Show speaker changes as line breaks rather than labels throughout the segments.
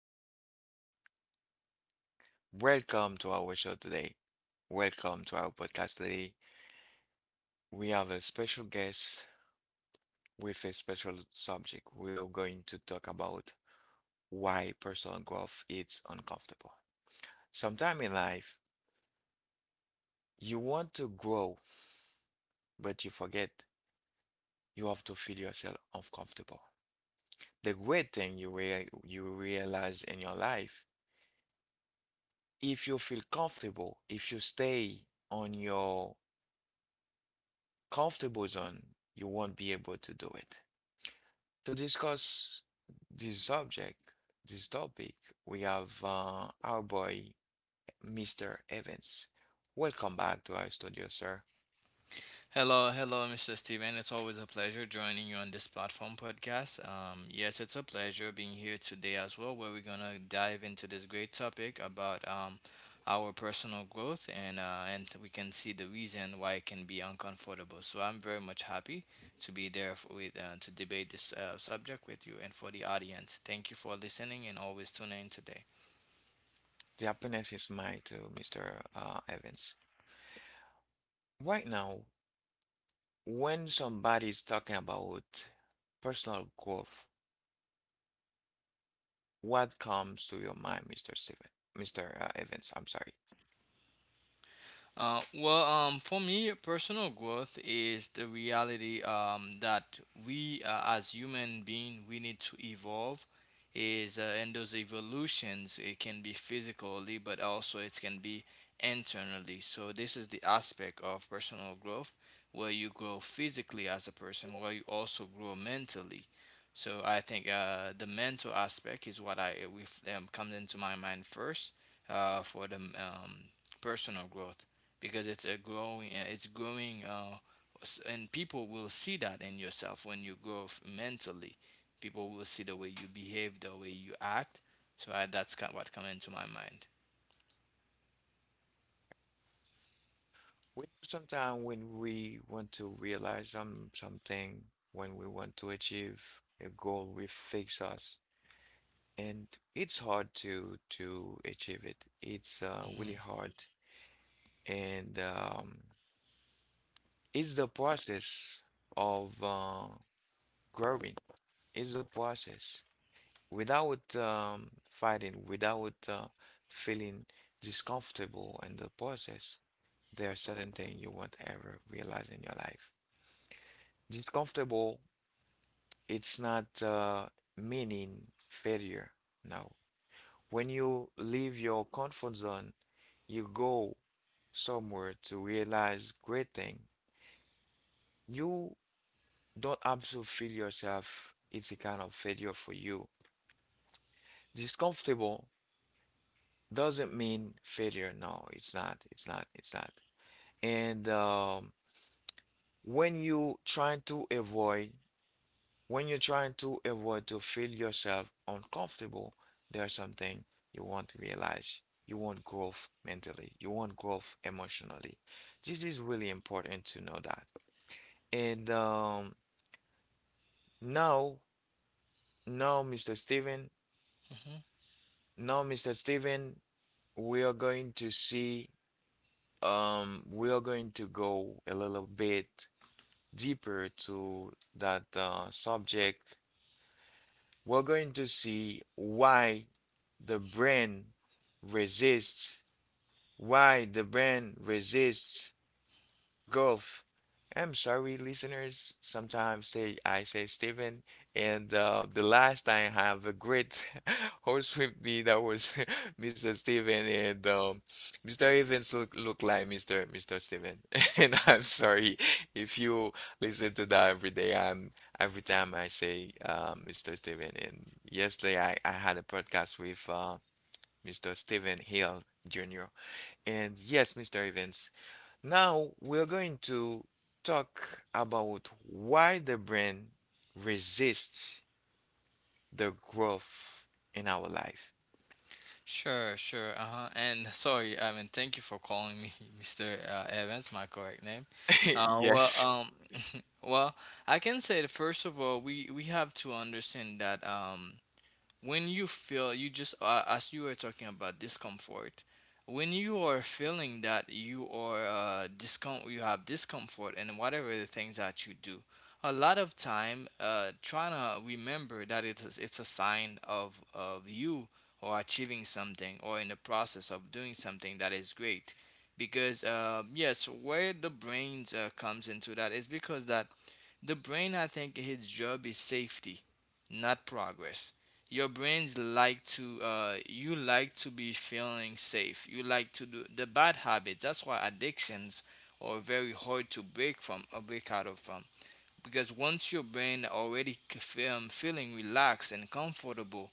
Steven. Welcome to our show today. Welcome to our podcast today. We have a special guest with a special subject. We are going to talk about why personal growth is uncomfortable. Sometime in life, you want to grow, but you forget you have to feel yourself uncomfortable. The great thing you you realize in your life, if you feel comfortable, if you stay on your comfortable zone, you won't be able to do it. To discuss this subject, this topic, we have our boy, Mr. Evans. Welcome back to our studio, sir.
Hello, hello, Mr. Steven. It's always a pleasure joining you on this platform podcast. Yes, it's a pleasure being here today as well, where we're gonna dive into this great topic about our personal growth and we can see the reason why it can be uncomfortable. So I'm very much happy to be there f- with to debate this subject with you and for the audience. Thank you for listening and always tuning in today.
The happiness is mine too, Mr. Evans. Right now, when somebody is talking about personal growth, what comes to your mind, Mr. Steven? Mr. Evans, I'm sorry.
For me, personal growth is the reality that as human being, we need to evolve. Is and those evolutions it can be physically, but also it can be internally. So this is the aspect of personal growth where you grow physically as a person, where you also grow mentally. So I think the mental aspect is what I with comes into my mind first for the personal growth because it's a growing and people will see that in yourself when you grow mentally. People will see the way you behave, the way you act. So that's kind what come into my mind.
We sometimes when we want to realize something, when we want to achieve a goal, we fix us, and it's hard to achieve it. It's really
hmm
hard, and it's the process of growing. It's the process without fighting, without feeling discomfortable in the process. There are certain things you won't ever realize in your life. Discomfortable, it's not meaning failure. No. When you leave your comfort zone, you go somewhere to realize great thing. You don't have to feel yourself. It's a kind of failure for you. Discomfortable doesn't mean failure. No, it's not. It's not. It's not. And when you try to avoid When you're trying to avoid to feel yourself uncomfortable, there's something you want to realize. You want growth mentally. You want growth emotionally. This is really important to know that. And um, now, now, Mr. Steven,
hmm
now, Mr. Steven, we are going to see, we are going to go a little bit deeper to that subject. We're going to see why the brain resists, why the brain resists Golf. I'm sorry, listeners. Sometimes say I say Steven, and the last time I have a great host with me that was Mr. Steven, and Mr. Evans look like Mr. Steven. And I'm sorry if you listen to that every day. I'm every time I say Mr. Steven. And yesterday I had a podcast with Mr. Steven Hill Jr. And yes, Mr. Evans. Now we're going to talk about why the brain resists the growth in our life.
sure, sure. Uh-huh. And sorry, I mean thank you for calling me Mr. Evans, my correct name. uh well
Yes.
um well I can say that first of all we have to understand that when you feel you just as you were talking about discomfort, when you are feeling that you are you have discomfort in whatever the things that you do, a lot of time, trying to remember that it's a sign of you or achieving something, or in the process of doing something that is great. Because yes, where the brains comes into that is because that the brain, I think its job is safety, not progress. Your brains like to you like to be feeling safe, you like to do the bad habits. That's why addictions are very hard to break from, or break out of from, because once your brain already feeling relaxed and comfortable,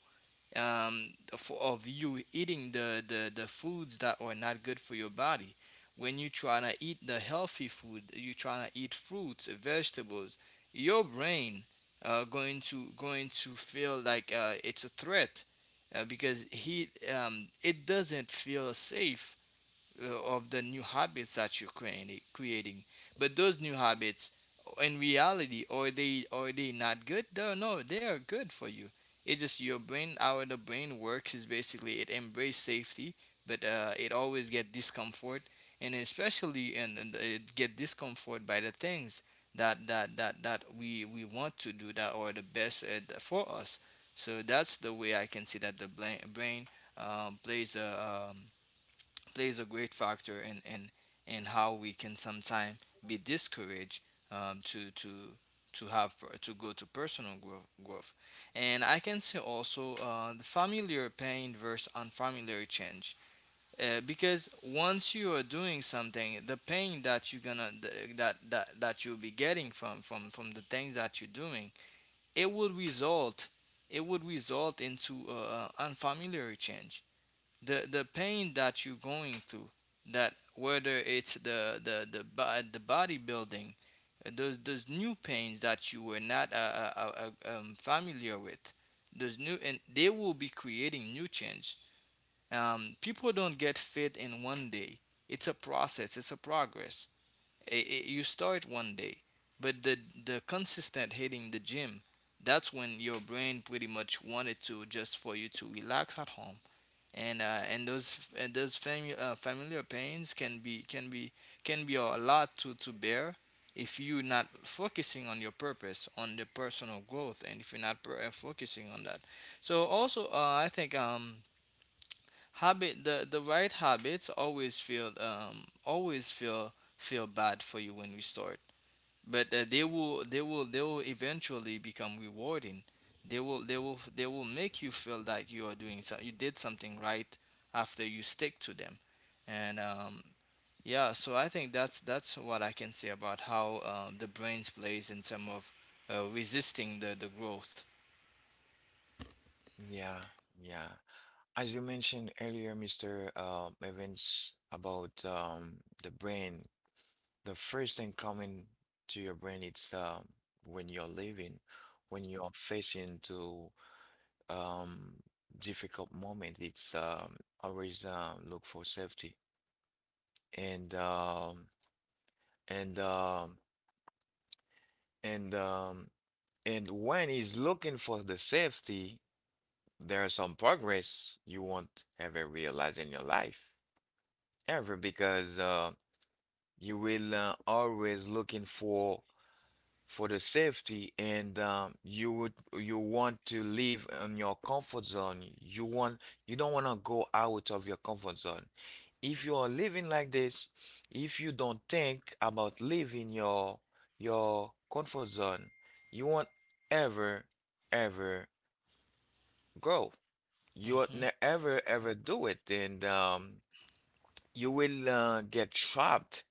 of you eating the foods that are not good for your body. When you try to eat the healthy food, you try to eat fruits, vegetables, your brain going to feel like it's a threat, because he it doesn't feel safe of the new habits that you're creating. But those new habits, in reality, are they, are they not good? No, no, they are good for you. It's just your brain, how the brain works is basically it embrace safety, but it always get discomfort, and especially and it get discomfort by the things that we want to do that are the best for us. So that's the way I can see that the brain um, plays a um, plays a great factor in how we can sometimes be discouraged um, to to to go to personal growth. And I can say also the familiar pain versus unfamiliar change, because once you are doing something, the pain that you're gonna that you'll be getting from the things that you're doing, it would result it would result into unfamiliar change. The pain that you're going through, that whether it's the bodybuilding, those new pains that you were not familiar with, those new, and they will be creating new change. People don't get fit in one day. It's a process, it's a progress. You start one day, but the consistent hitting the gym, that's when your brain pretty much wanted to just for you to relax at home. And those familiar pains can be, can be, can be a lot to bear if you're not focusing on your purpose, on the personal growth, and if you're not focusing on that. So also I think habit, the right habits always feel feel bad for you when we start, but they will, they will, they will eventually become rewarding. They will, they will, they will make you feel that you are doing, so you did something right after you stick to them. And Yeah, so I think that's what I can say about how the brains plays in terms of resisting the growth.
Yeah, yeah. As you mentioned earlier, Mr. Evans, about the brain, the first thing coming to your brain, it's when you're living, when you're facing to um, difficult moment, it's always look for safety. and um and um and um and when he's looking for the safety, there's some progress you won't ever realize in your life ever, because you will always looking for the safety, and you would you want to live in your comfort zone. You want, you don't want to go out of your comfort zone. If you are living like this, if you don't think about leaving your comfort zone, you won't ever ever grow. You won't
hmm
ever ever do it, and you will get trapped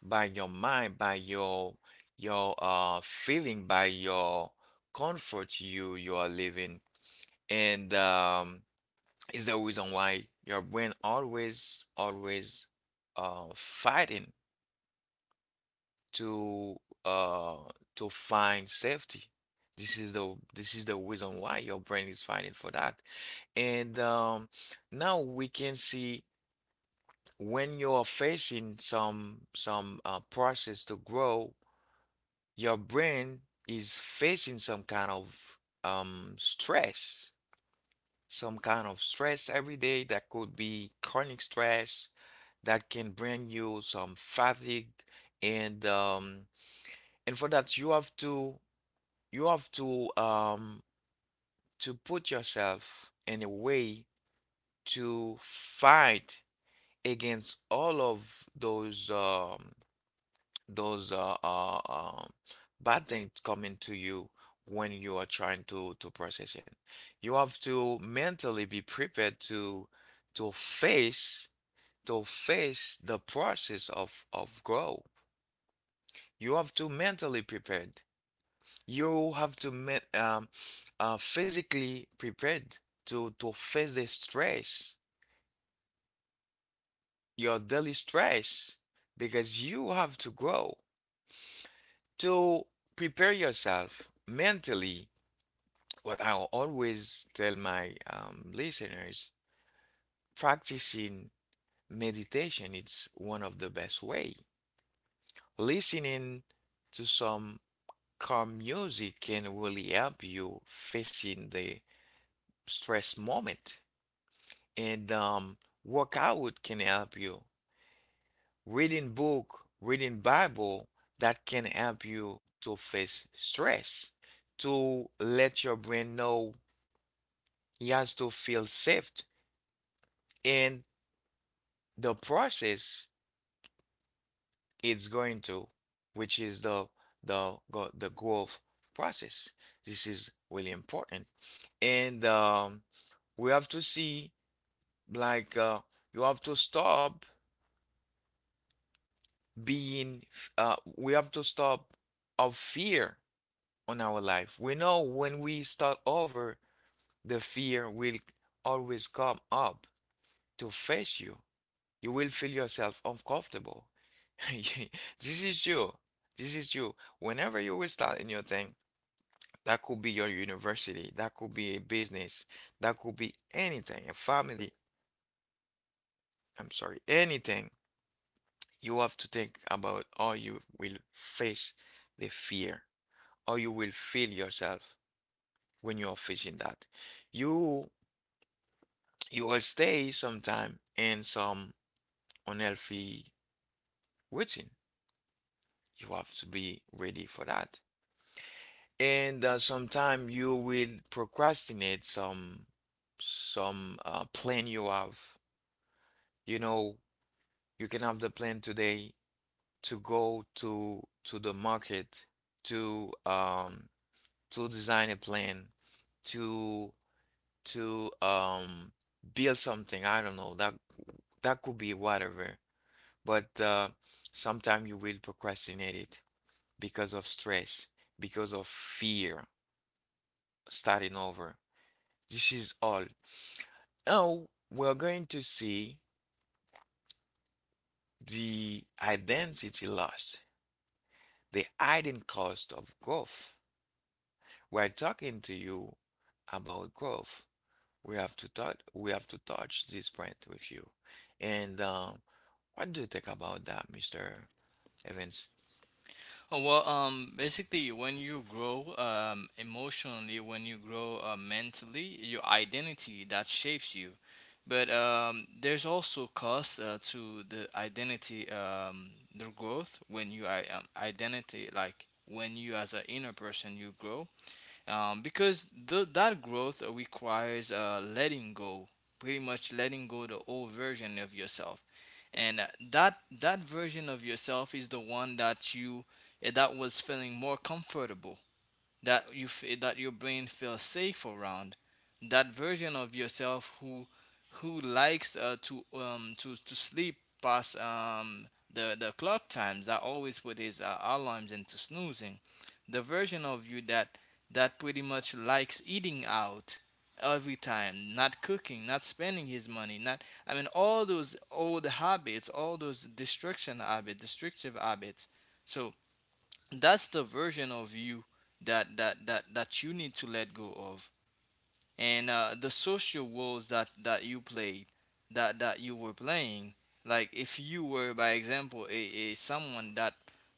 by your mind, by your feeling, by your comfort you you are living. And is the reason why your brain always always fighting to uh to find safety. This is the reason why your brain is fighting for that. And now we can see, when you are facing some process to grow, your brain is facing some kind of stress, some kind of stress every day. That could be chronic stress that can bring you some fatigue, and and for that, you have to put yourself in a way to fight against all of those those uh, uh, um, bad things coming to you when you are trying to process it. You have to mentally be prepared to face to face the process of grow. You have to mentally prepared. You have to men physically prepared to face the stress, your daily stress, because you have to grow. To prepare yourself mentally, what I'll always tell my listeners, practicing meditation, it's one of the best way. Listening to some calm music can really help you facing the stress moment. And workout can help you. Reading book, reading Bible, that can help you to face stress, to let your brain know he has to feel safe and the process it's going to, which is the the growth process. This is really important, and we have to see like you have to stop being. We have to stop of fear on our life. We know, when we start over, the fear will always come up to face you. You will feel yourself uncomfortable. This is you. This is you. Whenever you will start a new thing, that could be your university, that could be a business, that could be anything, a family, I'm sorry, anything. You have to think about how you will face the fear, how you will feel yourself when you are facing that. You you will stay sometime in some unhealthy routine. You have to be ready for that. And sometime you will procrastinate some plan you have. You know, you can have the plan today to go to the market to um to design a plan to to build something. I don't know, that that could be whatever, but sometime you will procrastinate it because of stress, because of fear, starting over. This is all. Now we're going to see the identity loss, the hidden cost of growth. We're talking to you about growth. We have to touch. We have to touch this point with you. And what do you think about that, Mr. Evans?
Oh, well, basically, when you grow emotionally, when you grow mentally, your identity that shapes you. But there's also cost to the identity, the growth when you I- identity, like when you as an inner person you grow, that growth requires letting go, pretty much letting go the old version of yourself. And that that version of yourself is the one that you, that was feeling more comfortable, that that your brain feels safe around, that version of yourself who likes to sleep past the clock times, that always put his alarms into snoozing, the version of you that that pretty much likes eating out every time, not cooking, not spending his money, not, I mean, all those old habits, all those destruction habits, destructive habits. So that's the version of you that that that that you need to let go of. And the social roles that that you played, that that you were playing, like if you were, by example, a someone that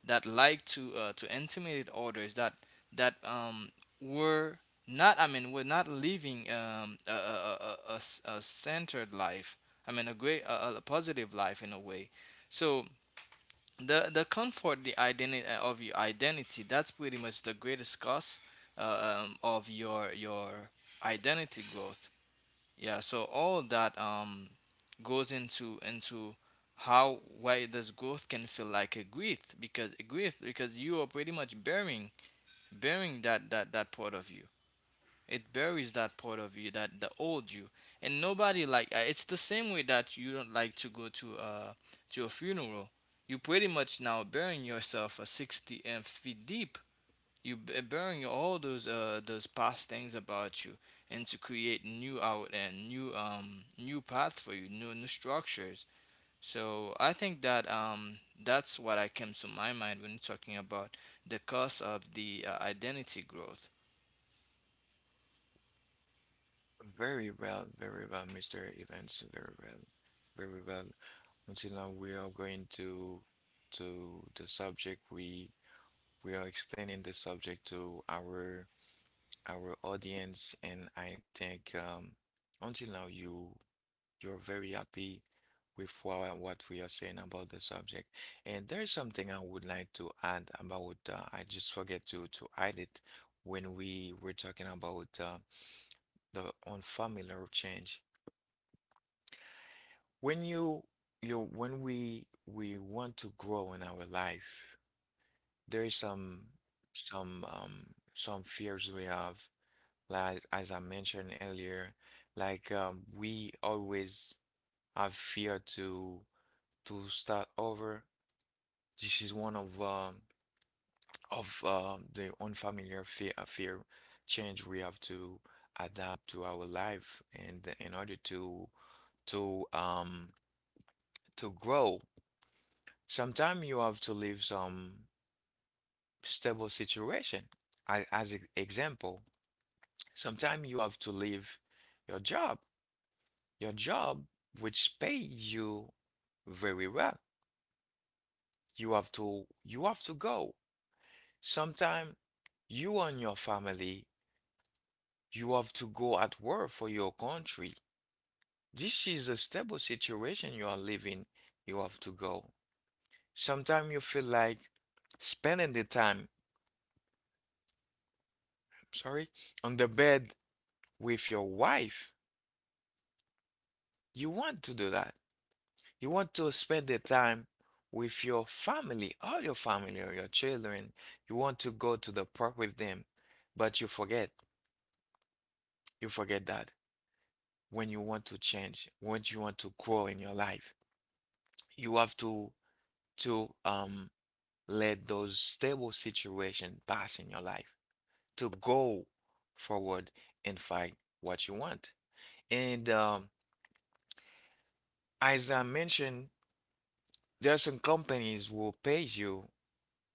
that liked to intimidate others, that that were not, I mean were not living a, a, a centered life, I mean a great, a positive life in a way. So the comfort, the identity of your identity, that's pretty much the greatest cost of your identity growth. Yeah, so all that goes into how, why this growth can feel like a grief, because you are pretty much bearing, bearing that that that part of you. It buries that part of you, that the old you, and nobody like it's the same way that you don't like to go to a funeral. You pretty much now burying yourself 60 feet deep. Burying all those past things about you, and to create new out and new new path for you, new new structures. So I think that that's what I came to my mind when talking about the cost of the identity growth.
Very well, very well, Mr. Evans. Very well, very well. Until now, we are going to the subject. We are explaining the subject to our audience, and I think until now you you're very happy with what we are saying about the subject. And there's something I would like to add about. I just forget to add it when we were talking about the unfamiliar change. When you when we want to grow in our life, there is some fears we have, like as I mentioned earlier, like we always have fear to start over. This is one of the unfamiliar fear, fear change we have to adapt to our life and in order to um to grow. Sometimes you have to leave some stable situation. I, as an example, sometimes you have to leave your job your job, which paid you very well. You have to go. Sometimes, you and your family, you have to go at work for your country. This is a stable situation you are living. You have to go. Sometimes you feel like spending the time, sorry, on the bed with your wife. You want to do that. You want to spend the time with your family, all your family or your children. You want to go to the park with them, but you forget. You forget that when you want to change, when you want to grow in your life, you have to let those stable situations pass in your life to go forward and find what you want. And as I mentioned, there are some companies will pay you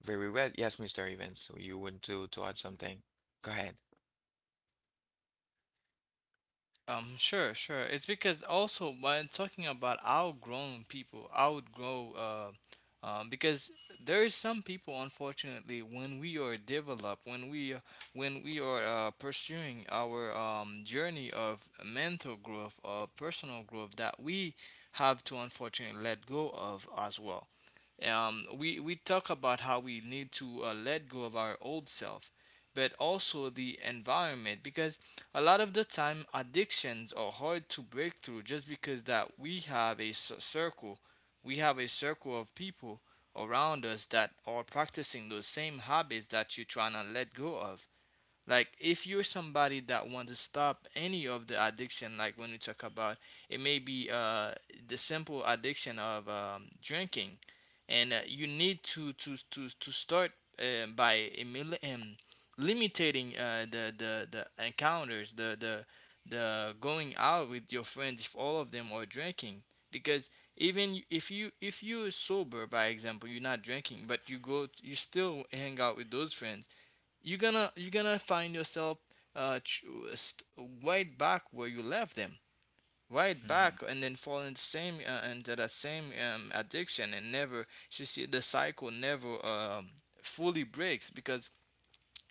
very well. Yes, Mr. Evans, so you want to add something? Go ahead.
Sure, sure. It's because also when talking about outgrown people, outgrow, because there is some people, unfortunately, when we are developed, when we are pursuing our journey of mental growth, of personal growth, that we have to unfortunately let go of as well. We talk about how we need to let go of our old self, but also the environment, because a lot of the time addictions are hard to break through just because that we have circle, we have a circle of people around us that are practicing those same habits that you're trying to let go of. Like if you're somebody that want to stop any of the addiction, like when we talk about, it may be the simple addiction of drinking. And you need to to start uh, by emil- um, limiting the encounters, the going out with your friends, if all of them are drinking. Because even if you, if you're sober by example, you're not drinking, but you go, you still hang out with those friends, you're gonna, you're gonna find yourself uh ch- st- right back where you left them, right
Hmm
back, and then fall in the same into that same addiction, and never. You see, the cycle never fully breaks because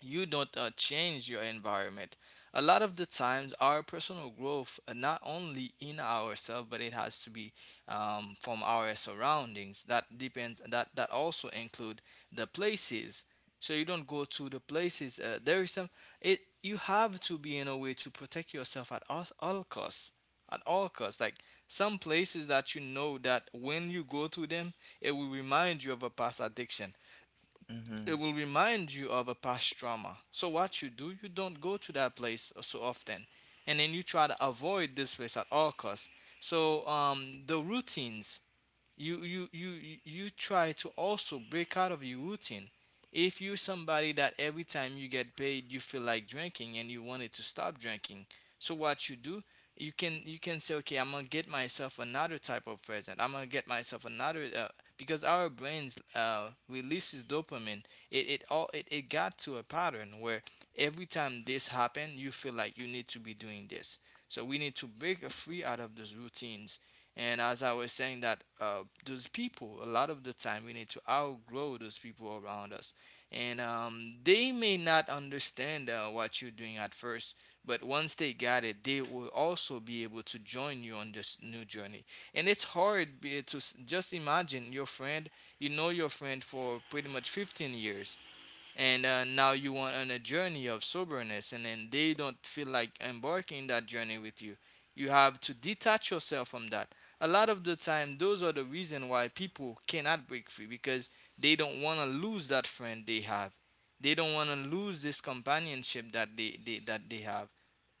you don't change your environment. A lot of the times, our personal growth, not only in ourselves, but it has to be from our surroundings. That depends. That that also include the places. So you don't go to the places. There is some. It, you have to be in a way to protect yourself at all costs. At all costs, like some places that you know that when you go to them, it will remind you of a past addiction,
hmm
it will remind you of a past trauma. So what you do, you don't go to that place so often, and then you try to avoid this place at all costs. So the routines you you try to also break out of your routine if you're somebody that every time you get paid you feel like drinking and you wanted to stop drinking, so what you do, you can say, okay, I'm gonna get myself another type of present. I'm gonna get myself another, because our brains releases dopamine. It got to a pattern where every time this happen you feel like you need to be doing this, so we need to break free out of those routines. And as I was saying, that those people, a lot of the time, we need to outgrow those people around us. And they may not understand what you're doing at first, but once they got it, they will also be able to join you on this new journey. And it's hard just imagine your friend, you know your friend for pretty much 15 years, and now you want on a journey of soberness, and then they don't feel like embarking that journey with you. You have to detach yourself from that. A lot of the time those are the reason why people cannot break free, because they don't want to lose that friend they have. They don't want to lose this companionship that they that they have.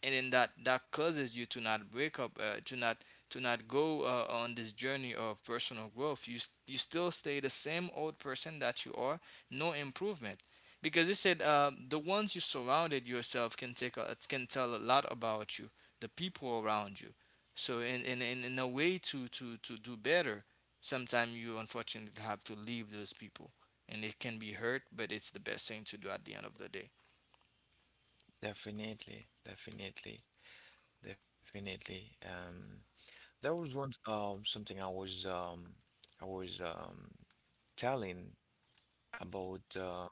And then that causes you to not break up, to not go, on this journey of personal growth. You still stay the same old person that you are. No improvement. Because it said, the ones you surrounded yourself can can tell a lot about you, the people around you. So in a way to, to do better, sometimes you unfortunately have to leave those people. And it can be hurt, but it's the best thing to do at the end of the day.
Definitely, definitely, definitely. There was once something I was I was um telling about uh,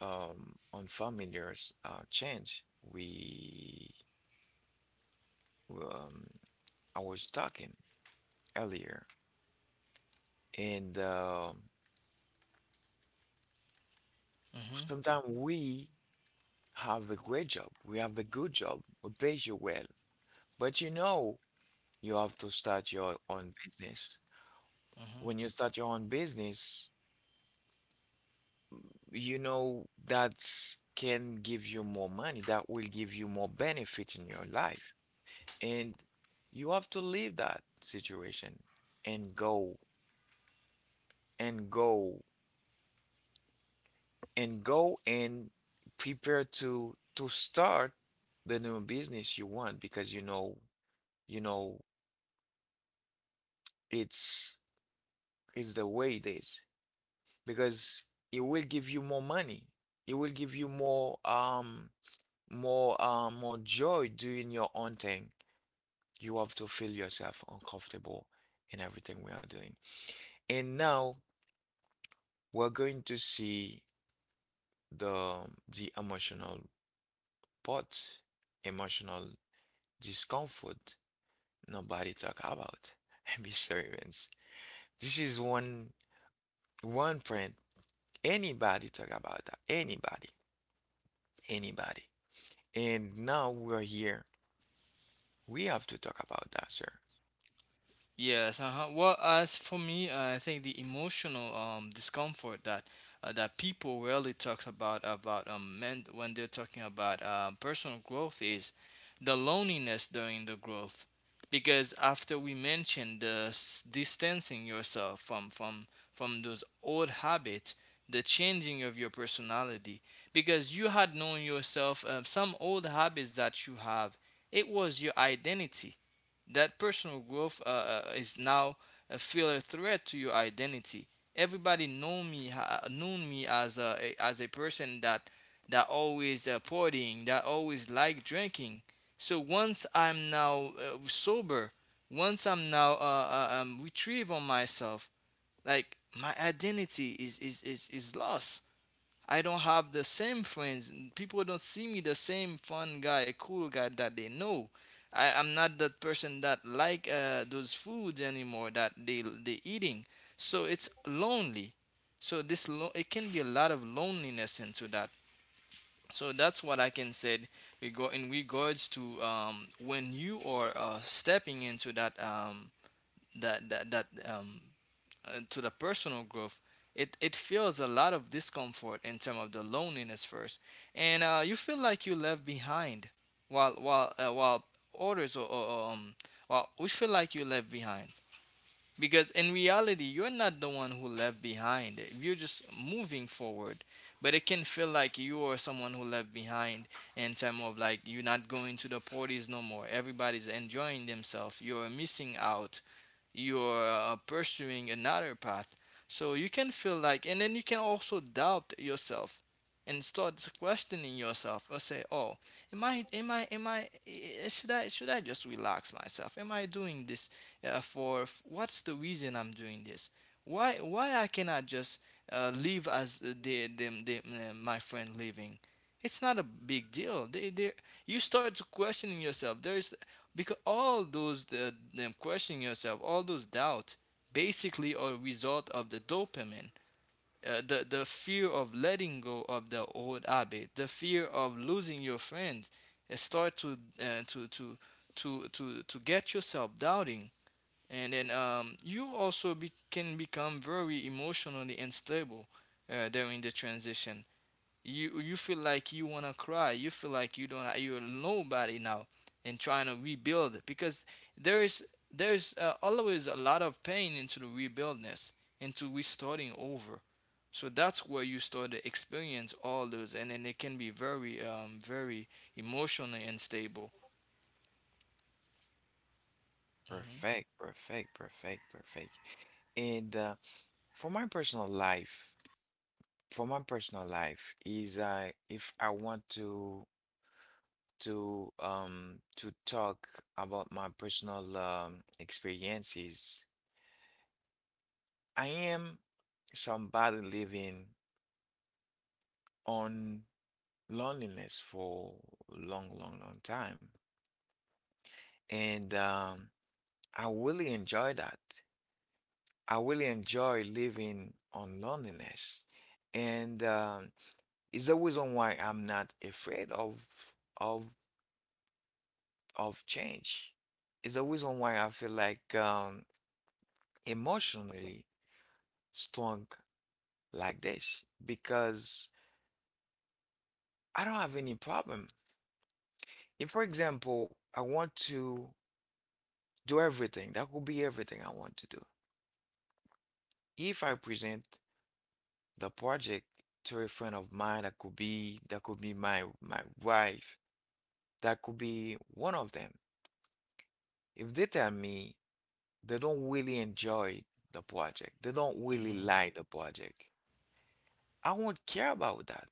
um unfamiliar's change we um I was talking earlier, and
Hmm.
sometimes we have a great job, we have a good job, we pays you well. But you know, you have to start your own business.
Hmm.
When you start your own business, you know that can give you more money, that will give you more benefit in your life. And you have to leave that situation and go and go and go and prepare to start the new business you want, because you know it's it's the way it is, because it will give you more money. It will give you more joy doing your own thing. You have to feel yourself uncomfortable in everything we are doing. And now we're going to see the the emotional part, emotional discomfort nobody talk about. Mr. Evans. This is one one print. Anybody talk about that. Anybody. Anybody. And now we're here, we have to talk about that, sir.
Yes, uh-huh. Well, as for me, I think the emotional discomfort that that people rarely talk about men when they're talking about personal growth is the loneliness during the growth, because after we mentioned the distancing yourself from from those old habits, the changing of your personality, because you had known yourself, some old habits that you have, it was your identity. That personal growth is now a feel a threat to your identity. Everybody known me as a as a person that always, partying, that always like drinking. So once I'm now sober, once I'm now retrieve on myself, like my identity is lost. I don't have the same friends. People don't see me the same fun guy, cool guy that they know. I'm not that person that like, those foods anymore that they eating. So it's lonely. So it can be a lot of loneliness into that. So that's what I can say in regards to, when you are, stepping into that, that that, that um, to the personal growth, it feels a lot of discomfort in terms of the loneliness first, and you feel like you left behind, while while others, or, or while we feel like you left behind, because in reality you're not the one who left behind. You're just moving forward, but it can feel like you are someone who left behind, in terms of like you're not going to the parties no more. Everybody's enjoying themselves. You're missing out. You're pursuing another path. So you can feel like, and then you can also doubt yourself and start questioning yourself, or say, "Oh, am I? Should I, should I just relax myself? Am I doing this, what's the reason I'm doing this? Why I cannot just live as my friend living? It's not a big deal. You start to questioning yourself." There's, because all those them questioning yourself, all those doubts basically are a result of the dopamine, the fear of letting go of the old habit, the fear of losing your friends, start to, to get yourself doubting. And then you also can become very emotionally unstable during the transition. You feel like you want to cry. You feel like you don't you're nobody now, and trying to rebuild, because there is, there's always a lot of pain into the rebuildness, into restarting over. So that's where you start to experience all those, and then it can be very, very emotionally unstable. Hmm.
Perfect, perfect, perfect, perfect. And For my personal life, for my personal life is I if I want to to talk about my personal experiences, I am somebody living on loneliness for long, long, long time. And I really enjoy that. I really enjoy living on loneliness, and it's the reason why I'm not afraid of of of change. It's the reason why I feel like emotionally strong like this because I don't have any problem. If, for example, I want to do everything, that could be everything I want to do. If I present the project to a friend of mine, that could be my wife. That could be one of them. If they tell me they don't really enjoy the project, they don't really like the project, I won't care about that.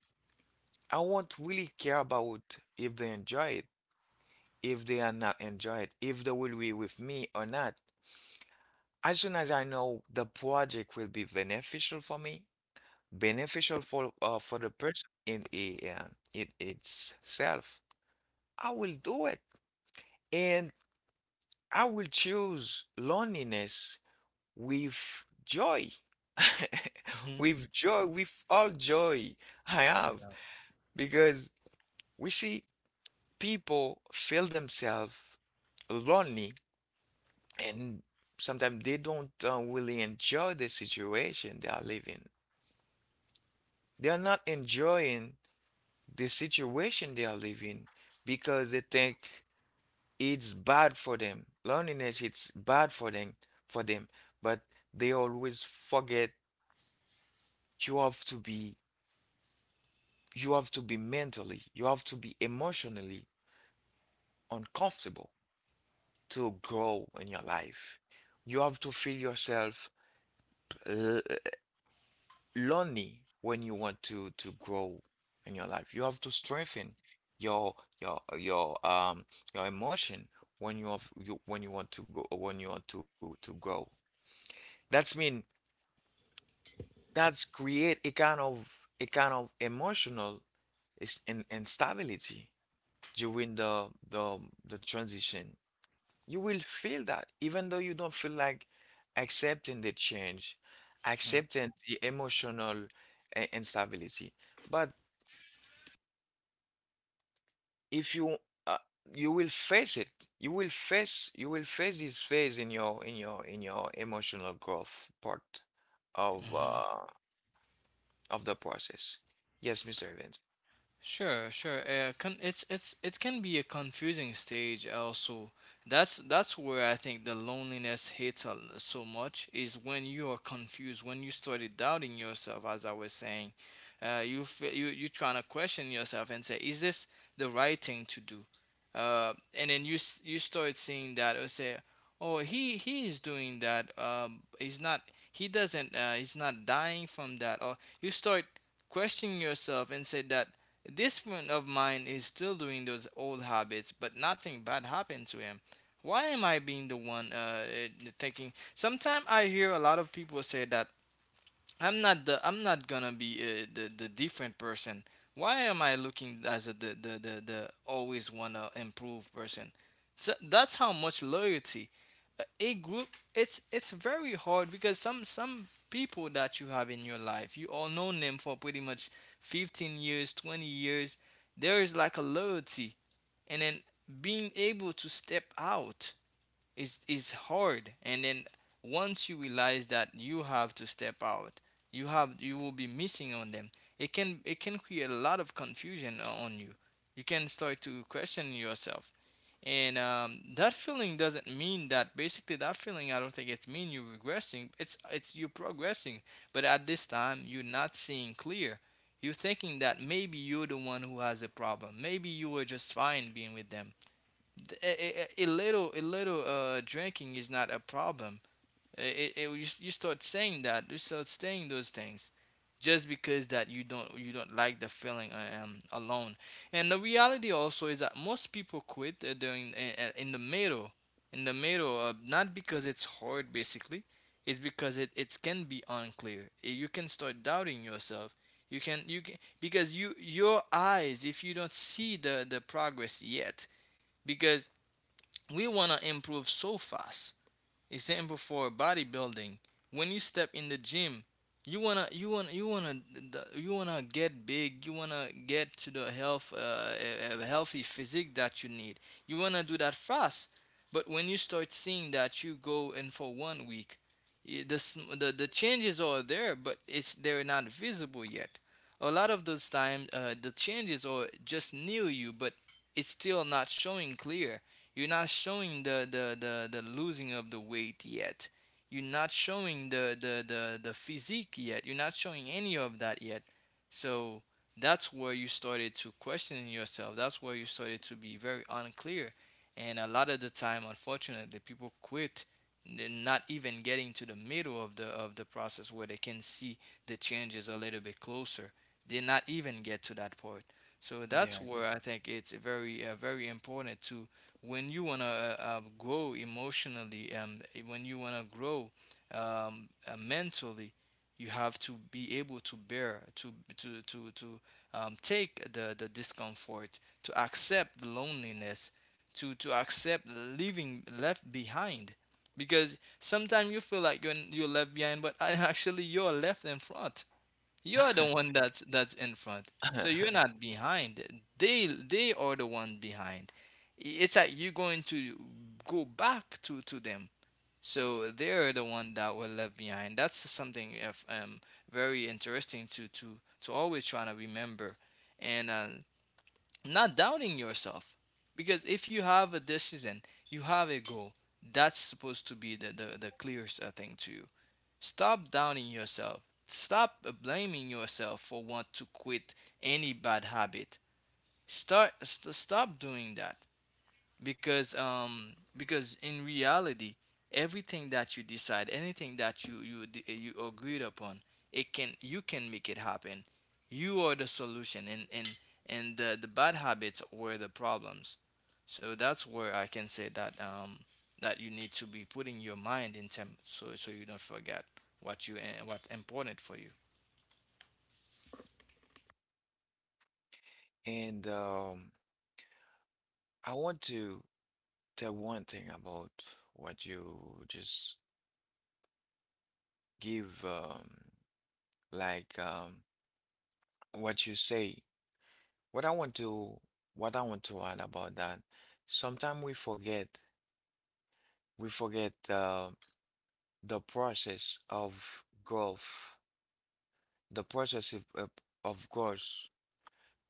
I won't really care about if they enjoy it, if they are not enjoy it, if they will be with me or not. As soon as I know the project will be beneficial for me, beneficial for the person in it itself, I will do it. And I will choose loneliness with joy.
Hmm.
With joy, with all joy I have. Because we see people feel themselves lonely and sometimes they don't really enjoy the situation they are living. They are not enjoying the situation they are living because they think it's bad for them. Loneliness it's bad for them, but they always forget you have to be you have to be mentally, you have to be emotionally uncomfortable to grow in your life. You have to feel yourself l- lonely when you want to grow in your life. You have to strengthen your your your emotion when you want to go when you want to grow. That's mean that's create a kind of emotional is in instability during the transition. You will feel that, even though you don't feel like accepting the change,
Hmm.
accepting the emotional instability. But if you uh, you will face it, you will face this phase in your emotional growth part of
Hmm.
uh, of the process. Yes, Mr. Evans.
Sure, sure. It's it can be a confusing stage also. That's where I think the loneliness hits so much is when you are confused, when you started doubting yourself, as I was saying. You you trying to question yourself and say, is this the right thing to do? And then you start seeing that, or say, oh, he is doing that. He's not. He doesn't. He's not dying from that. Or you start questioning yourself and say that this friend of mine is still doing those old habits, but nothing bad happened to him. Why am I being the one, thinking? Sometimes I hear a lot of people say that I'm not gonna be, the different person. Why am I looking as a the the always wanna improve person? So that's how much loyalty. A group, it's very hard, because some people that you have in your life you all known them for pretty much 15 years, 20 years. There is like a loyalty, and then being able to step out is hard. And then once you realize that you have to step out, you will be missing on them. It can create a lot of confusion on you. You can start to question yourself. And that feeling doesn't mean that, basically that feeling, I don't think it's mean you're regressing. It's you're progressing. But at this time you're not seeing clear. You're thinking that maybe you're the one who has a problem, maybe you were just fine being with them. A little, drinking is not a problem. You start saying that, you start saying those things, just because that you don't like the feeling, alone. And the reality also is that most people quit during in the middle, in the middle, not because it's hard basically, it's because it can be unclear. You can start doubting yourself. You can because your eyes, if you don't see the progress yet, because we want to improve so fast. Example for bodybuilding, when you step in the gym, you wanna you wanna get big. You wanna get to the health, healthy physique that you need. You wanna do that fast. But when you start seeing that you go in for 1 week, the changes are there, but it's they're not visible yet. A lot of those time, the changes are just near you, but it's still not showing clear. You're not showing the losing of the weight yet. You're not showing the physique yet. You're not showing any of that yet. So that's where you started to question yourself. That's where you started to be very unclear. And a lot of the time, unfortunately, people quit not even getting to the middle of the process where they can see the changes a little bit closer. They not even get to that part. So
Yeah.
that's where I think it's very, very important to, when you wanna grow emotionally, when you wanna grow mentally, you have to be able to bear to take the discomfort, to accept the loneliness, to accept leaving left behind, because sometimes you feel like you're left behind, but actually you're left in front. You're the one that's in front. So you're not behind. They are the one behind. It's like you're going to go back to them. So they're the one that were left behind. That's something, if, very interesting to always trying to remember. And not doubting yourself, because if you have a decision, you have a goal that's supposed to be the clearest thing to you. Stop doubting yourself, stop blaming yourself for want to quit any bad habit. Stop doing that, because in reality, everything that you decide, anything that you agreed upon, it can you can make it happen. You are the solution, and and the bad habits were the problems. So that's where I can say that that you need to be putting your mind in term, so you don't forget what you what's important for you.
And I want to tell one thing about what you just give, like um, what you say. What I want to, what I want to add about that. Sometimes we forget the process of growth. The process of growth.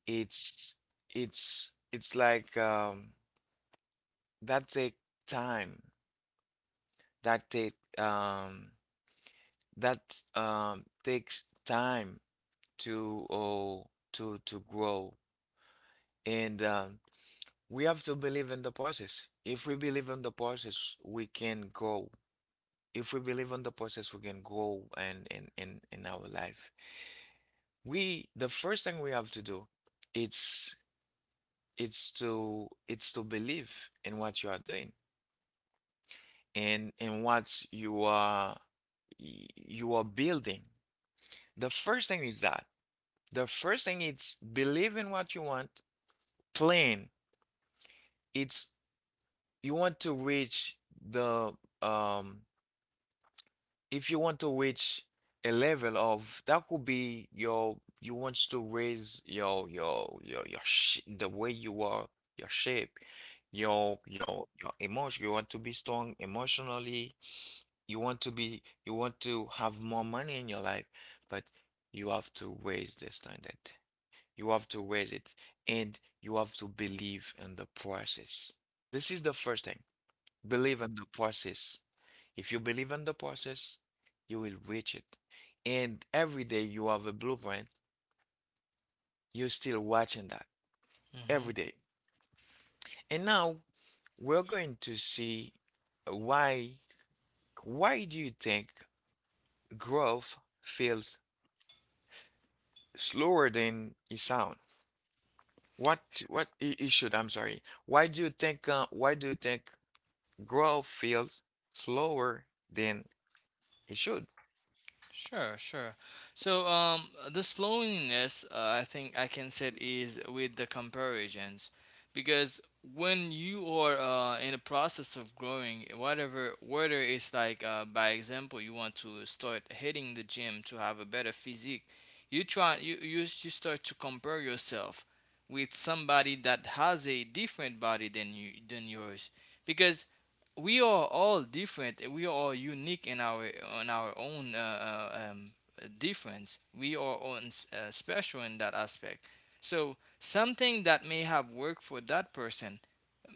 It's it's like that take time. That take um, that takes time to oh, to to grow. And we have to believe in the process. If we believe in the process, we can grow. If we believe in the process, we can grow and in our life. We the first thing we have to do, it's it's to believe in what you are doing and in what you are building. The first thing is that. The first thing is believe in what you want, plan. It's you want to reach the um if you want to reach a level of that could be you want to raise your sh the way you are your shape your emotion, you want to be strong emotionally, you want to be you want to have more money in your life, but you have to raise the standard, you have to raise it, and you have to believe in the process. This is the first thing. Believe in the process. If you believe in the process, you will reach it. And every day you have a blueprint, you're still watching that every
Hmm.
day. And now we're going to see why why do you think growth feels slower than it sounds? What what I- it should, I'm sorry. Why do you think growth feels slower than it should?
Sure, sure. So, the slowness, I think I can say, it is with the comparisons, because when you are in the process of growing, whatever, whether it's like by example, you want to start hitting the gym to have a better physique. You try, you start to compare yourself with somebody that has a different body than you, than yours, because we are all different. We are all unique in our, on our own difference. We are all special in that aspect. So something that may have worked for that person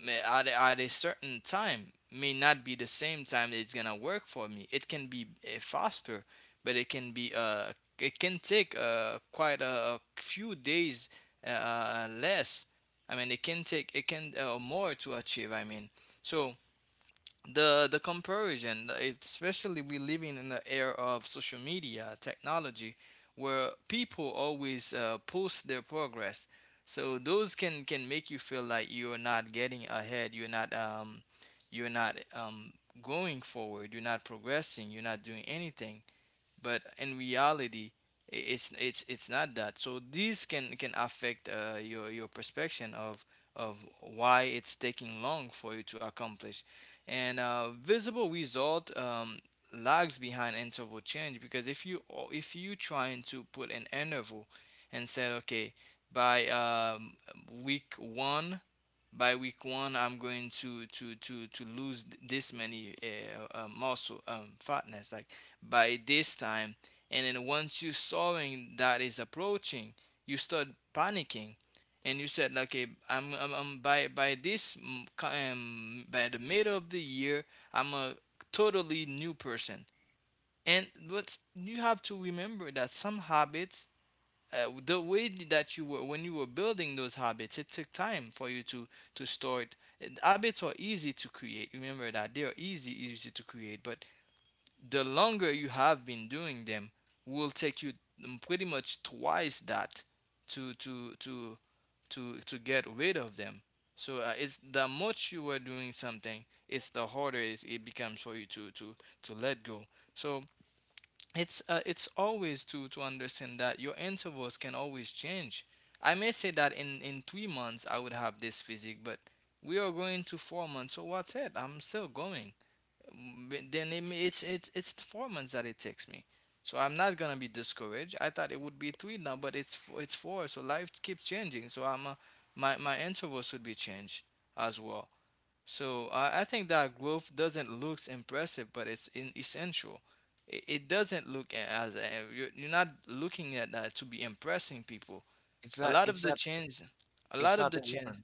may, at a certain time, may not be the same time that it's gonna work for me. It can be faster, but it can be it can take quite a few days less. I mean, it can more to achieve. I mean, so the comparison, especially we living in the era of social media technology, where people always post their progress, so those can make you feel like you're not getting ahead, you're not going forward, you're not progressing, you're not doing anything. But in reality, it's not that. So these can affect your perception of why it's taking long for you to accomplish. And visible result lags behind interval change, because if you, if you trying to put an interval and said okay, by week one, I'm going to lose this many muscle fatness, like by this time. And then once you sawing that is approaching, you start panicking, and you said okay, I'm by this by the middle of the year I'm a totally new person. And but you have to remember that some habits, the way that you were when you were building those habits, it took time for you to start. And habits are easy to create, remember that, they are easy to create, but the longer you have been doing them, will take you, pretty much twice that to to to to get rid of them. So it's the much you are doing something, it's the harder it becomes for you to let go. So it's always to understand that your intervals can always change. I may say that in 3 months I would have this physique, but we are going to 4 months. So what's it? I'm still going. Mm, but Then it's the 4 months that it takes me. So I'm not gonna be discouraged. I thought it would be three now, but it's four. So life keeps changing. So I'm my my intervals should be changed as well. So I think that growth doesn't look impressive, but it's in essential. It doesn't look as a, you're not looking at that to be impressing people.
It's
A
not
lot of the change, a
it's
lot of
not a
the change,
war.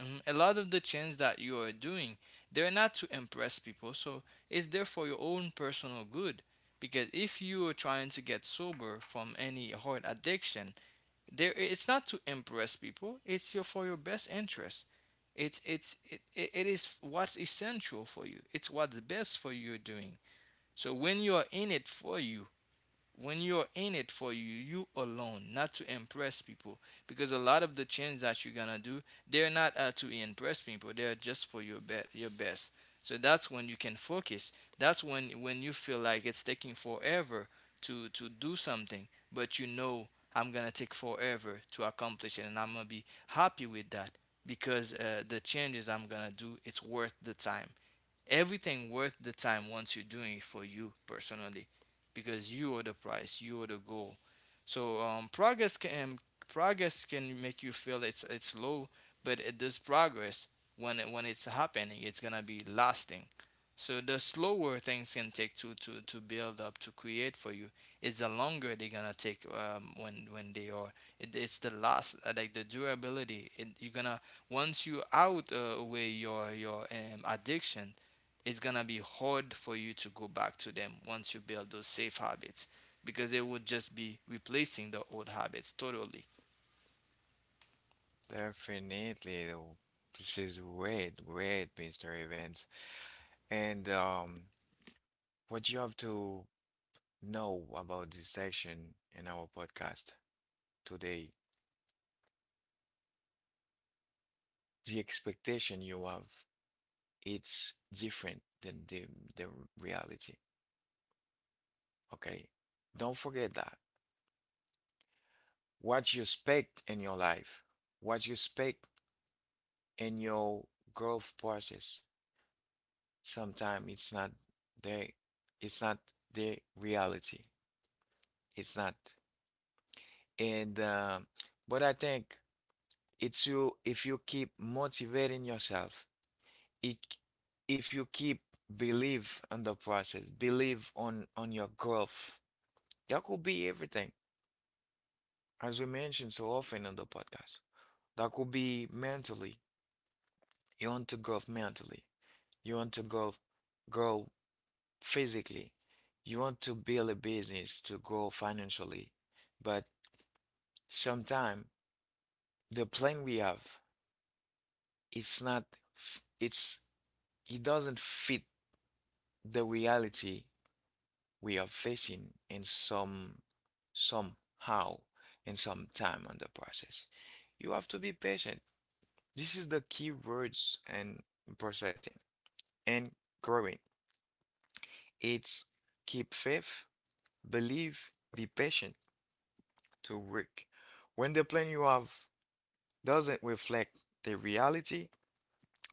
mhm, a lot of the change that you are doing, they're not to impress people. So it's there for your own personal good. Because if you are trying to get sober from any hard addiction, there, it's not to impress people, it's your for your best interest. It's it it is what's essential for you, it's what's best for you doing. So when you're in it for you, when you're in it for you, you alone, not to impress people. Because a lot of the changes that you're gonna do, they're not to impress people. They're just for your your best. So that's when you can focus. That's when you feel like it's taking forever to do something, but you know, I'm gonna take forever to accomplish it, and I'm gonna be happy with that, because the changes I'm gonna do, it's worth the time. Everything worth the time once you're doing it for you personally, because you are the prize, you are the goal. So progress can make you feel it's low, but this progress, when it, when it's happening, it's gonna be lasting. So the slower things can take to build up to create for you, it's the longer they're gonna take when they are, it's the last like the durability, it, you're gonna, once you out away your addiction, it's gonna be hard for you to go back to them once you build those safe habits, because they would just be replacing the old habits totally.
Definitely. Though. This is great, great, Mr. Evans. And what you have to know about this section in our podcast today, the expectation you have, it's different than the reality. Okay? Don't forget that. What you expect in your life, what you expect in your growth process, sometimes it's not there, it's not the reality. It's not. And but I think it's you if you keep motivating yourself, it, if you keep believe on the process, believe on your growth. That could be everything, as we mentioned so often on the podcast. That could be mentally. You want to grow mentally. You want to grow physically. You want to build a business to grow financially. But sometimes the plan we have, it's not. It's it doesn't fit the reality we are facing in some somehow in some time on the process. You have to be patient. This is the key words and processing and growing. It's keep faith, believe, be patient to work. When the plan you have doesn't reflect the reality,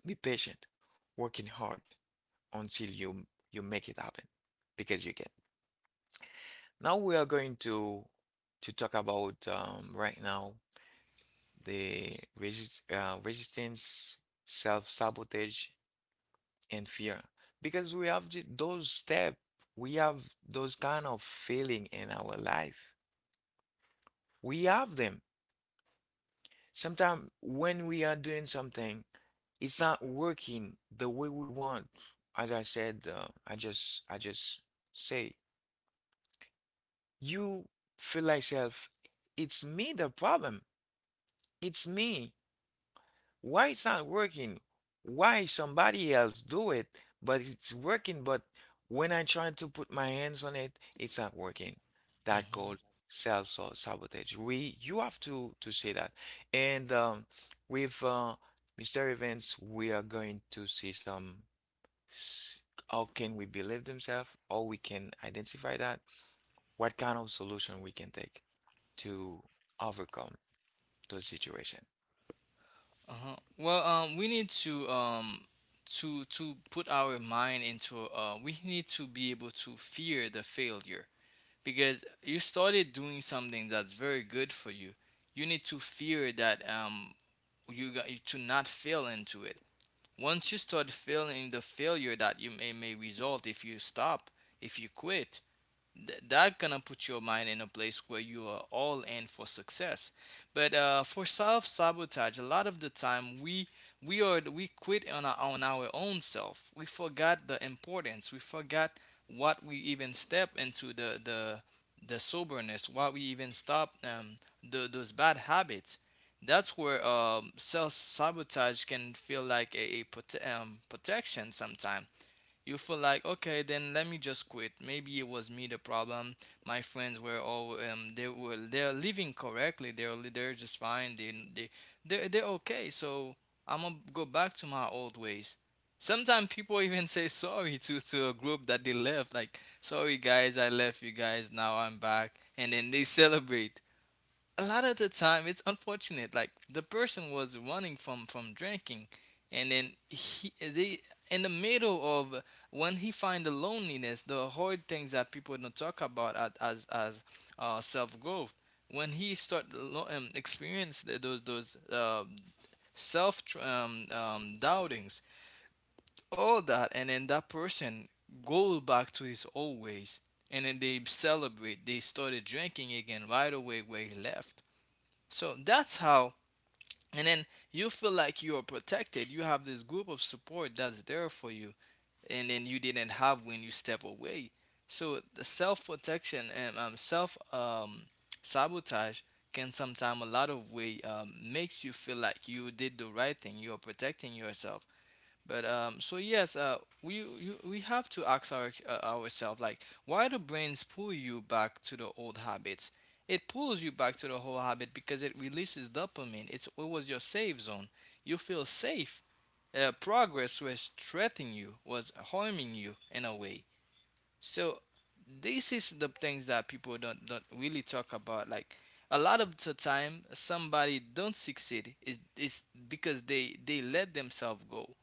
be patient, working hard until you make it happen because you can. Now we are going to talk about right now the resistance, self-sabotage, and fear. Because we have those step, we have those kind of feeling in our life. We have them. Sometimes when we are doing something, it's not working the way we want. As I said, I just say you feel like self. It's me the problem. It's me. Why it's not working? Why somebody else do it, but it's working, but when I try to put my hands on it, it's not working. That called
Uh
self-sabotage. We you have to say that. And with Mr. Events, we are going to see s- how can we believe themselves, or we can identify that, what kind of solution we can take to overcome those situation.
huh. Well, we need to put our mind into we need to be able to fear the failure, because you started doing something that's very good for you. You need to fear that you got you to not fail into it. Once you start feeling the failure that may result if you stop, if you quit, that gonna put your mind in a place where you are all in for success. But for self sabotage, a lot of the time, we quit on our own self. We forgot the importance. We forgot what we even step into the soberness. What we even stop those bad habits. That's where self sabotage can feel like a protection. Sometimes you feel like okay, then let me just quit, maybe it was me the problem. My friends were all they were, they're living correctly, they're they're just fine, they're okay. So I'm gonna go back to my old ways. Sometimes people even say sorry to a group that they left, like sorry guys, I left you guys, now I'm back, and then they celebrate. A lot of the time it's unfortunate, like the person was running from drinking, and then he they, in the middle of, when he find the loneliness, the hard things that people don't talk about as self growth, when he start experience those doubtings, all that, and then that person go back to his old ways, and then they celebrate, they started drinking again right away where he left. So that's how, and then you feel like you are protected. You have this group of support that's there for you, and then you didn't have when you step away. So the self protection and self sabotage can sometimes a lot of way makes you feel like you did the right thing. You are protecting yourself, but so yes, we have to ask ourselves like, why do brains pull you back to the old habits? It pulls you back to the whole habit because it releases dopamine. It was your safe zone. You feel safe. Progress was threatening you, was harming you in a way. So this is the things that people don't really talk about. Like a lot of the time, somebody don't succeed is because they let themselves go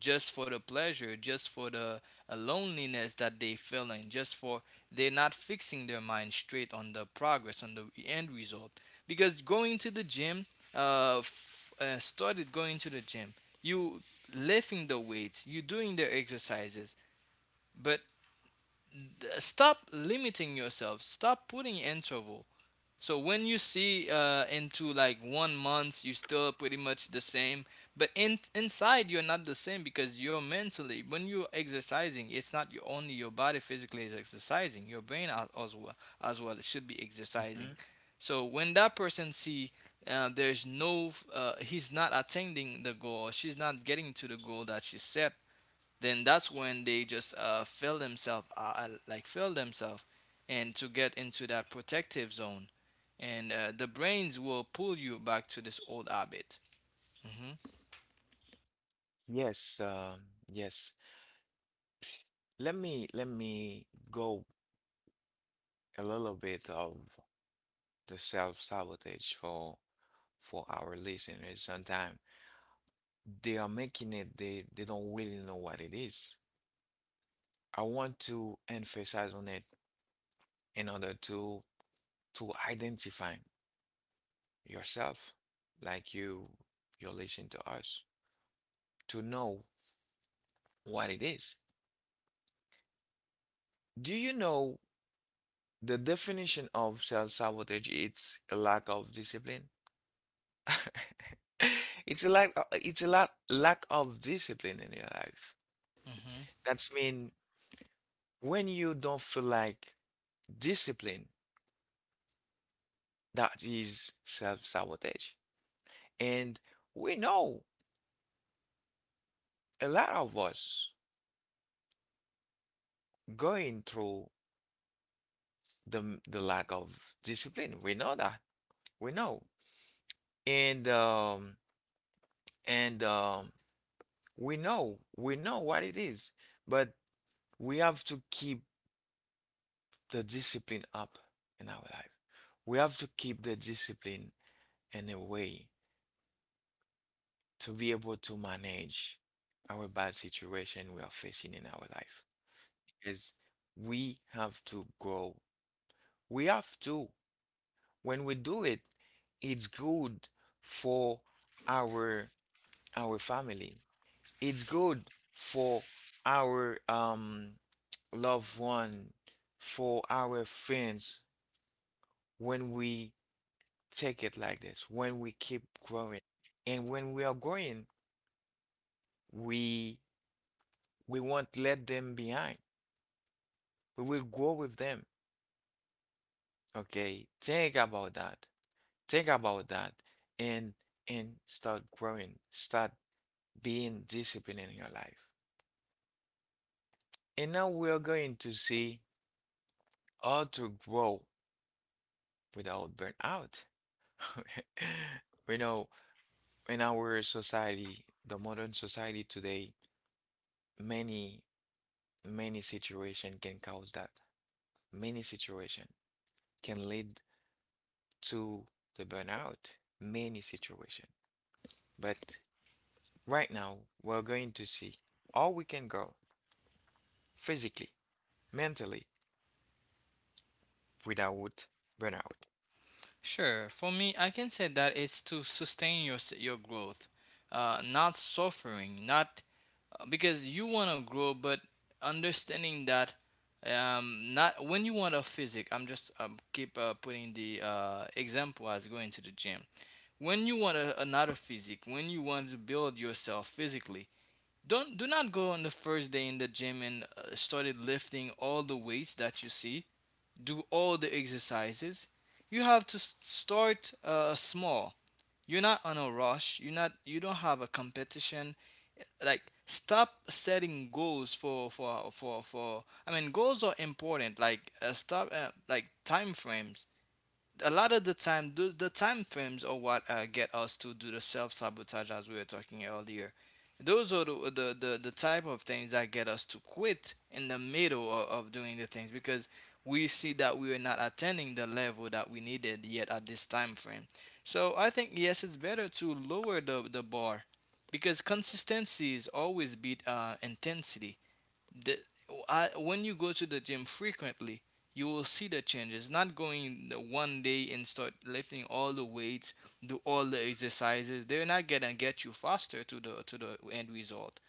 just for the pleasure, just for the loneliness that they feeling, just for, they're not fixing their mind straight on the progress, on the end result. Because going to the gym, started going to the gym, you lifting the weights, you doing the exercises, but stop limiting yourself, stop putting interval, so when you see into like one month, you're still pretty much the same, but in inside you're not the same, because you're mentally, when you're exercising, it's not your, only your body physically is exercising, your brain well as well it should be exercising.
Mhm.
So when that person see there's no, he's not attaining the goal, she's not getting to the goal that she set, then that's when they just feel themselves like fill themselves and to get into that protective zone and the brains will pull you back to this old habit.
Yes, yes. Let me go a little bit of the self-sabotage for our listeners. Sometimes they are making it, they don't really know what it is. I want to emphasize on it in order to identify yourself, like you're listening to us, to know what it is. Do you know the definition of self sabotage? It's a lack of discipline. It's a lack. Lack of discipline in your life.
Hmm.
That's mean when you don't feel like discipline, that is self sabotage. And we know a lot of us going through the lack of discipline. We know that. We know. And um and we know what it is, but we have to keep the discipline up in our life. We have to keep the discipline in a way to be able to manage our bad situation we are facing in our life. Because we have to grow. We have to. When we do it, it's good for our our family. It's good for our loved one, for our friends when we take it like this, when we keep growing. And when we are growing, we we won't let them behind. We will grow with them. Okay? Think about that. Think about that and start growing. Start being disciplined in your life. And now we are going to see how to grow without burnout. We know in our society, the modern society today, many, many situation can cause that. Many situation can lead to the burnout. Many situation. But right now, we're going to see how we can grow physically, mentally, without burnout.
Sure. For me, I can say that it's to sustain your growth, not suffering, not, because you want to grow, but understanding that not when you want a physic. I'm just keep putting the example as going to the gym. When you want a, another physique, when you want to build yourself physically, don't do not go on the first day in the gym and started lifting all the weights that you see, do all the exercises. You have to start small. You're not on a rush. You're not. You don't have a competition. Like stop setting goals for. I mean, goals are important. Like stop like time frames, a lot of the time the time frames are what get us to do the self-sabotage as we were talking earlier. Those are the type of things that get us to quit in the middle of doing the things because we see that we are not attaining the level that we needed yet at this time frame. So I think yes, it's better to lower the bar, because consistency is always beat intensity. the, when you go to the gym frequently you will see the changes, not going the one day and start lifting all the weights, do all the exercises. They're not gonna get you faster to the end result.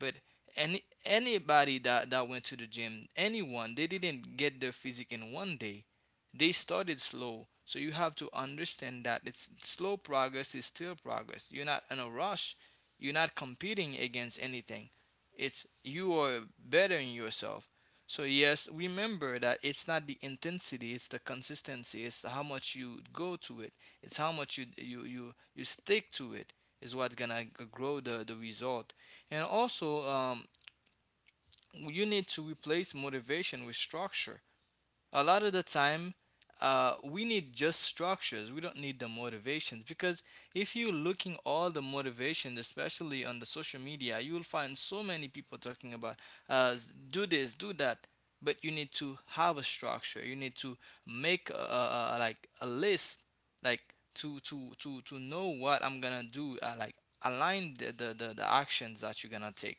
But anybody that went to the gym, anyone, they didn't get their physique in one day. They started slow. So you have to understand that it's slow progress is still progress. You're not in a rush. You're not competing against anything. It's you are bettering yourself. So yes, remember that it's not the intensity, it's the consistency, it's how much you go to it, it's how much you stick to it is what's gonna grow the result. And also, you need to replace motivation with structure. A lot of the time, we need just structures. We don't need the motivations, because if you're looking all the motivations, especially on the social media, you will find so many people talking about uh, do this, do that. But you need to have a structure. You need to make like a list, like to know what I'm gonna do. Like align the actions that you're gonna take.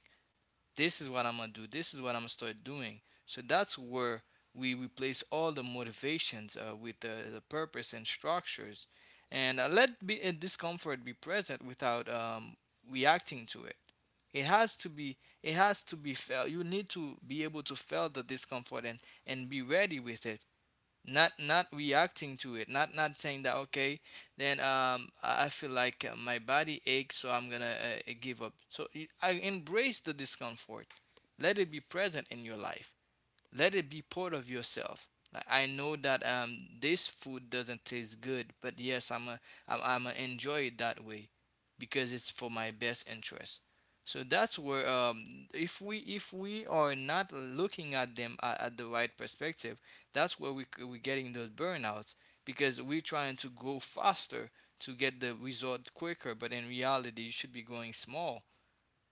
This is what I'm gonna do. This is what I'm gonna start doing. So that's where we replace all the motivations with the purpose and structures, and let be discomfort be present without reacting to it. It has to be. It has to be felt. You need to be able to feel the discomfort and be ready with it, not reacting to it, not saying that okay, then I feel like my body aches, so I'm gonna give up. So I embrace the discomfort, let it be present in your life, let it be part of yourself. Like I know that this food doesn't taste good, but yes, I'm a, I'm a enjoy it that way because it's for my best interest. So that's where if we, if we are not looking at them at the right perspective, that's where we're getting those burnouts, because we're trying to go faster to get the result quicker, but in reality, you should be going small,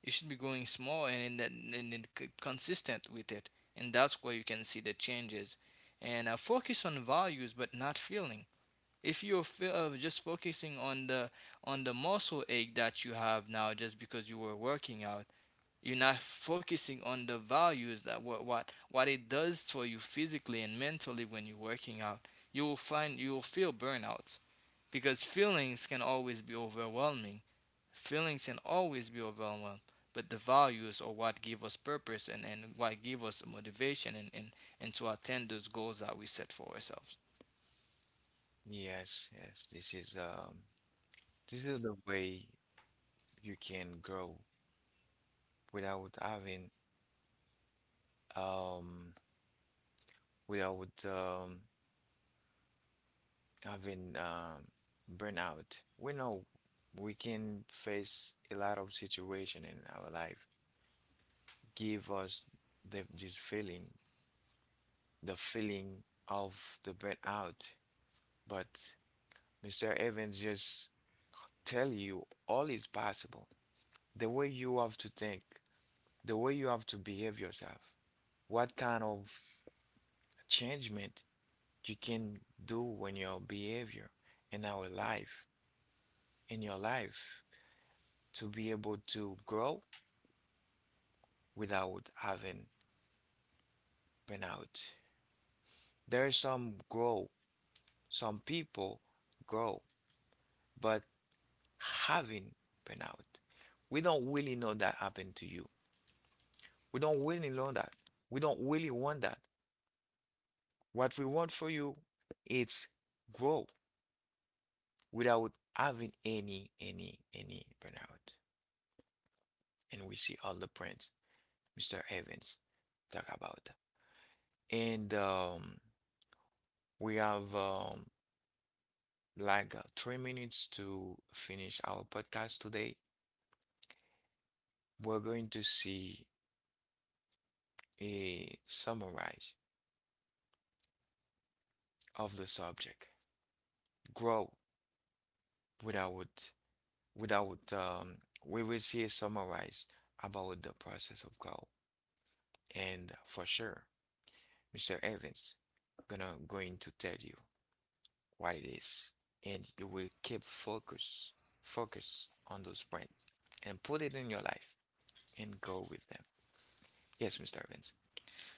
you should be growing small and and then consistent with it, and that's where you can see the changes. And focus on values, but not feeling. If you're just focusing on the muscle ache that you have now, just because you were working out, you're not focusing on the values, that what it does for you physically and mentally when you're working out. You will find, you will feel burnouts because feelings can always be overwhelming. Feelings can always be overwhelmed, but the values are what give us purpose and what give us motivation, and to attain those goals that we set for ourselves.
Yes, yes, this is the way you can grow without having um, without having burnout. We know we can face a lot of situation in our life, give us this feeling, the feeling of the burnout. But Mr. Evans just tell you all is possible. The way you have to think, the way you have to behave yourself, what kind of changement you can do in your behavior, in our life, in your life, to be able to grow without having burnout. There's some grow, some people grow, but having burnout. We don't really know that happened to you. We don't really know that. We don't really want that. What we want for you is grow without having any burnout. And we see all the prints Mr. Evans talk about that. And we have 3 minutes to finish our podcast today, we're going to see a summarize of the subject. Grow without without we will see a summarize about the process of grow. And for sure, Mr. Evans gonna going to tell you what it is, and you will keep focus on those points and put it in your life and go with them. Yes, Mr. Evans.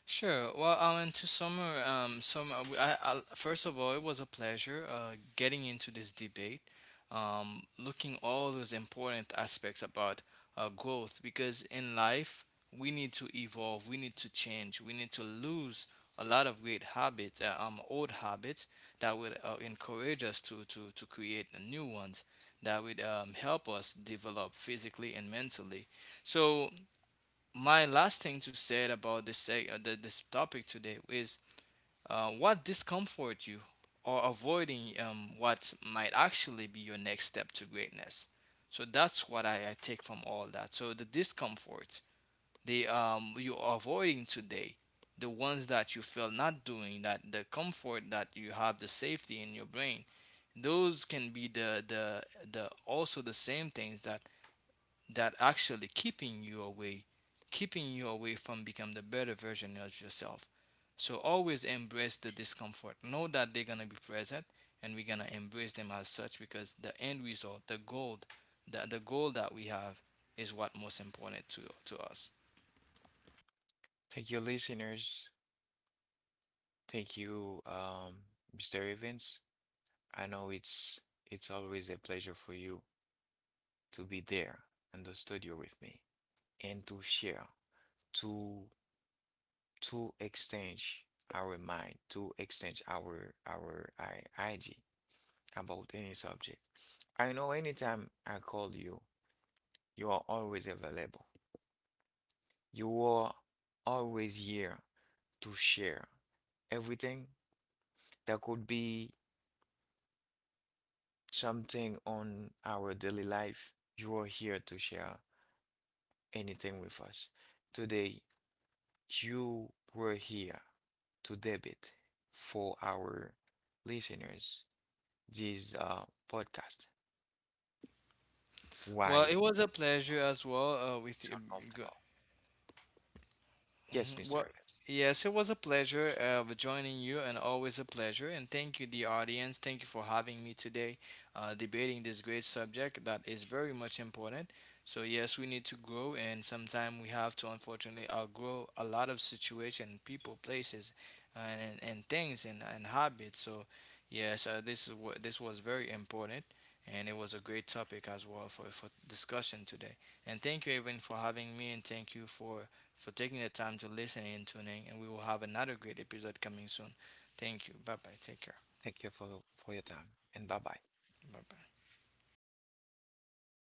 Sure. Well, Alan, to summer, summer. I, first of all, it was a pleasure getting into this debate, looking all those important aspects about growth. Because in life, we need to evolve, we need to change, we need to lose a lot of great habits, old habits that would encourage us to create new ones that would help us develop physically and mentally. So my last thing to say about this topic today is what discomforts you or avoiding what might actually be your next step to greatness. So that's what I take from all that. So the discomfort, the you're avoiding today, the ones that you feel not doing that, the comfort that you have, the safety in your brain, those can be the also the same things that that actually keeping you away, keeping you away from becoming the better version of yourself. So always embrace the discomfort, know that they're going to be present, and we're going to embrace them as such, because the end result, the goal, the goal that we have is what most important to us.
Thank you, listeners. Thank you, Mr. Evans. I know it's always a pleasure for you to be there in the studio with me and to share, to to exchange our mind, to exchange idea about any subject. I know anytime I call you, you are always available. You are always here to share everything that could be something on our daily life, you are here to share anything with us. Today, you were here to debate for our listeners this podcast.
Well, it
Why
was a pleasure as well with
it's
you.
uncomfortable? Yes,
Mhm.
Mr.
Well,
Evans.
yes, it was a pleasure of joining you, and always a pleasure. And thank you, the audience. Thank you for having me today, debating this great subject that is very much important. So yes, we need to grow, and sometimes we have to unfortunately outgrow a lot of situation, people, places, and things and habits. So yes, this is what, this was very important. And it was a great topic as well for discussion today. And thank you, everyone, for having me. And thank you for taking the time to listen and tuning. And we will have another great episode coming soon. Thank you. Bye bye. Take care.
Thank you for your time and bye bye.
Bye bye.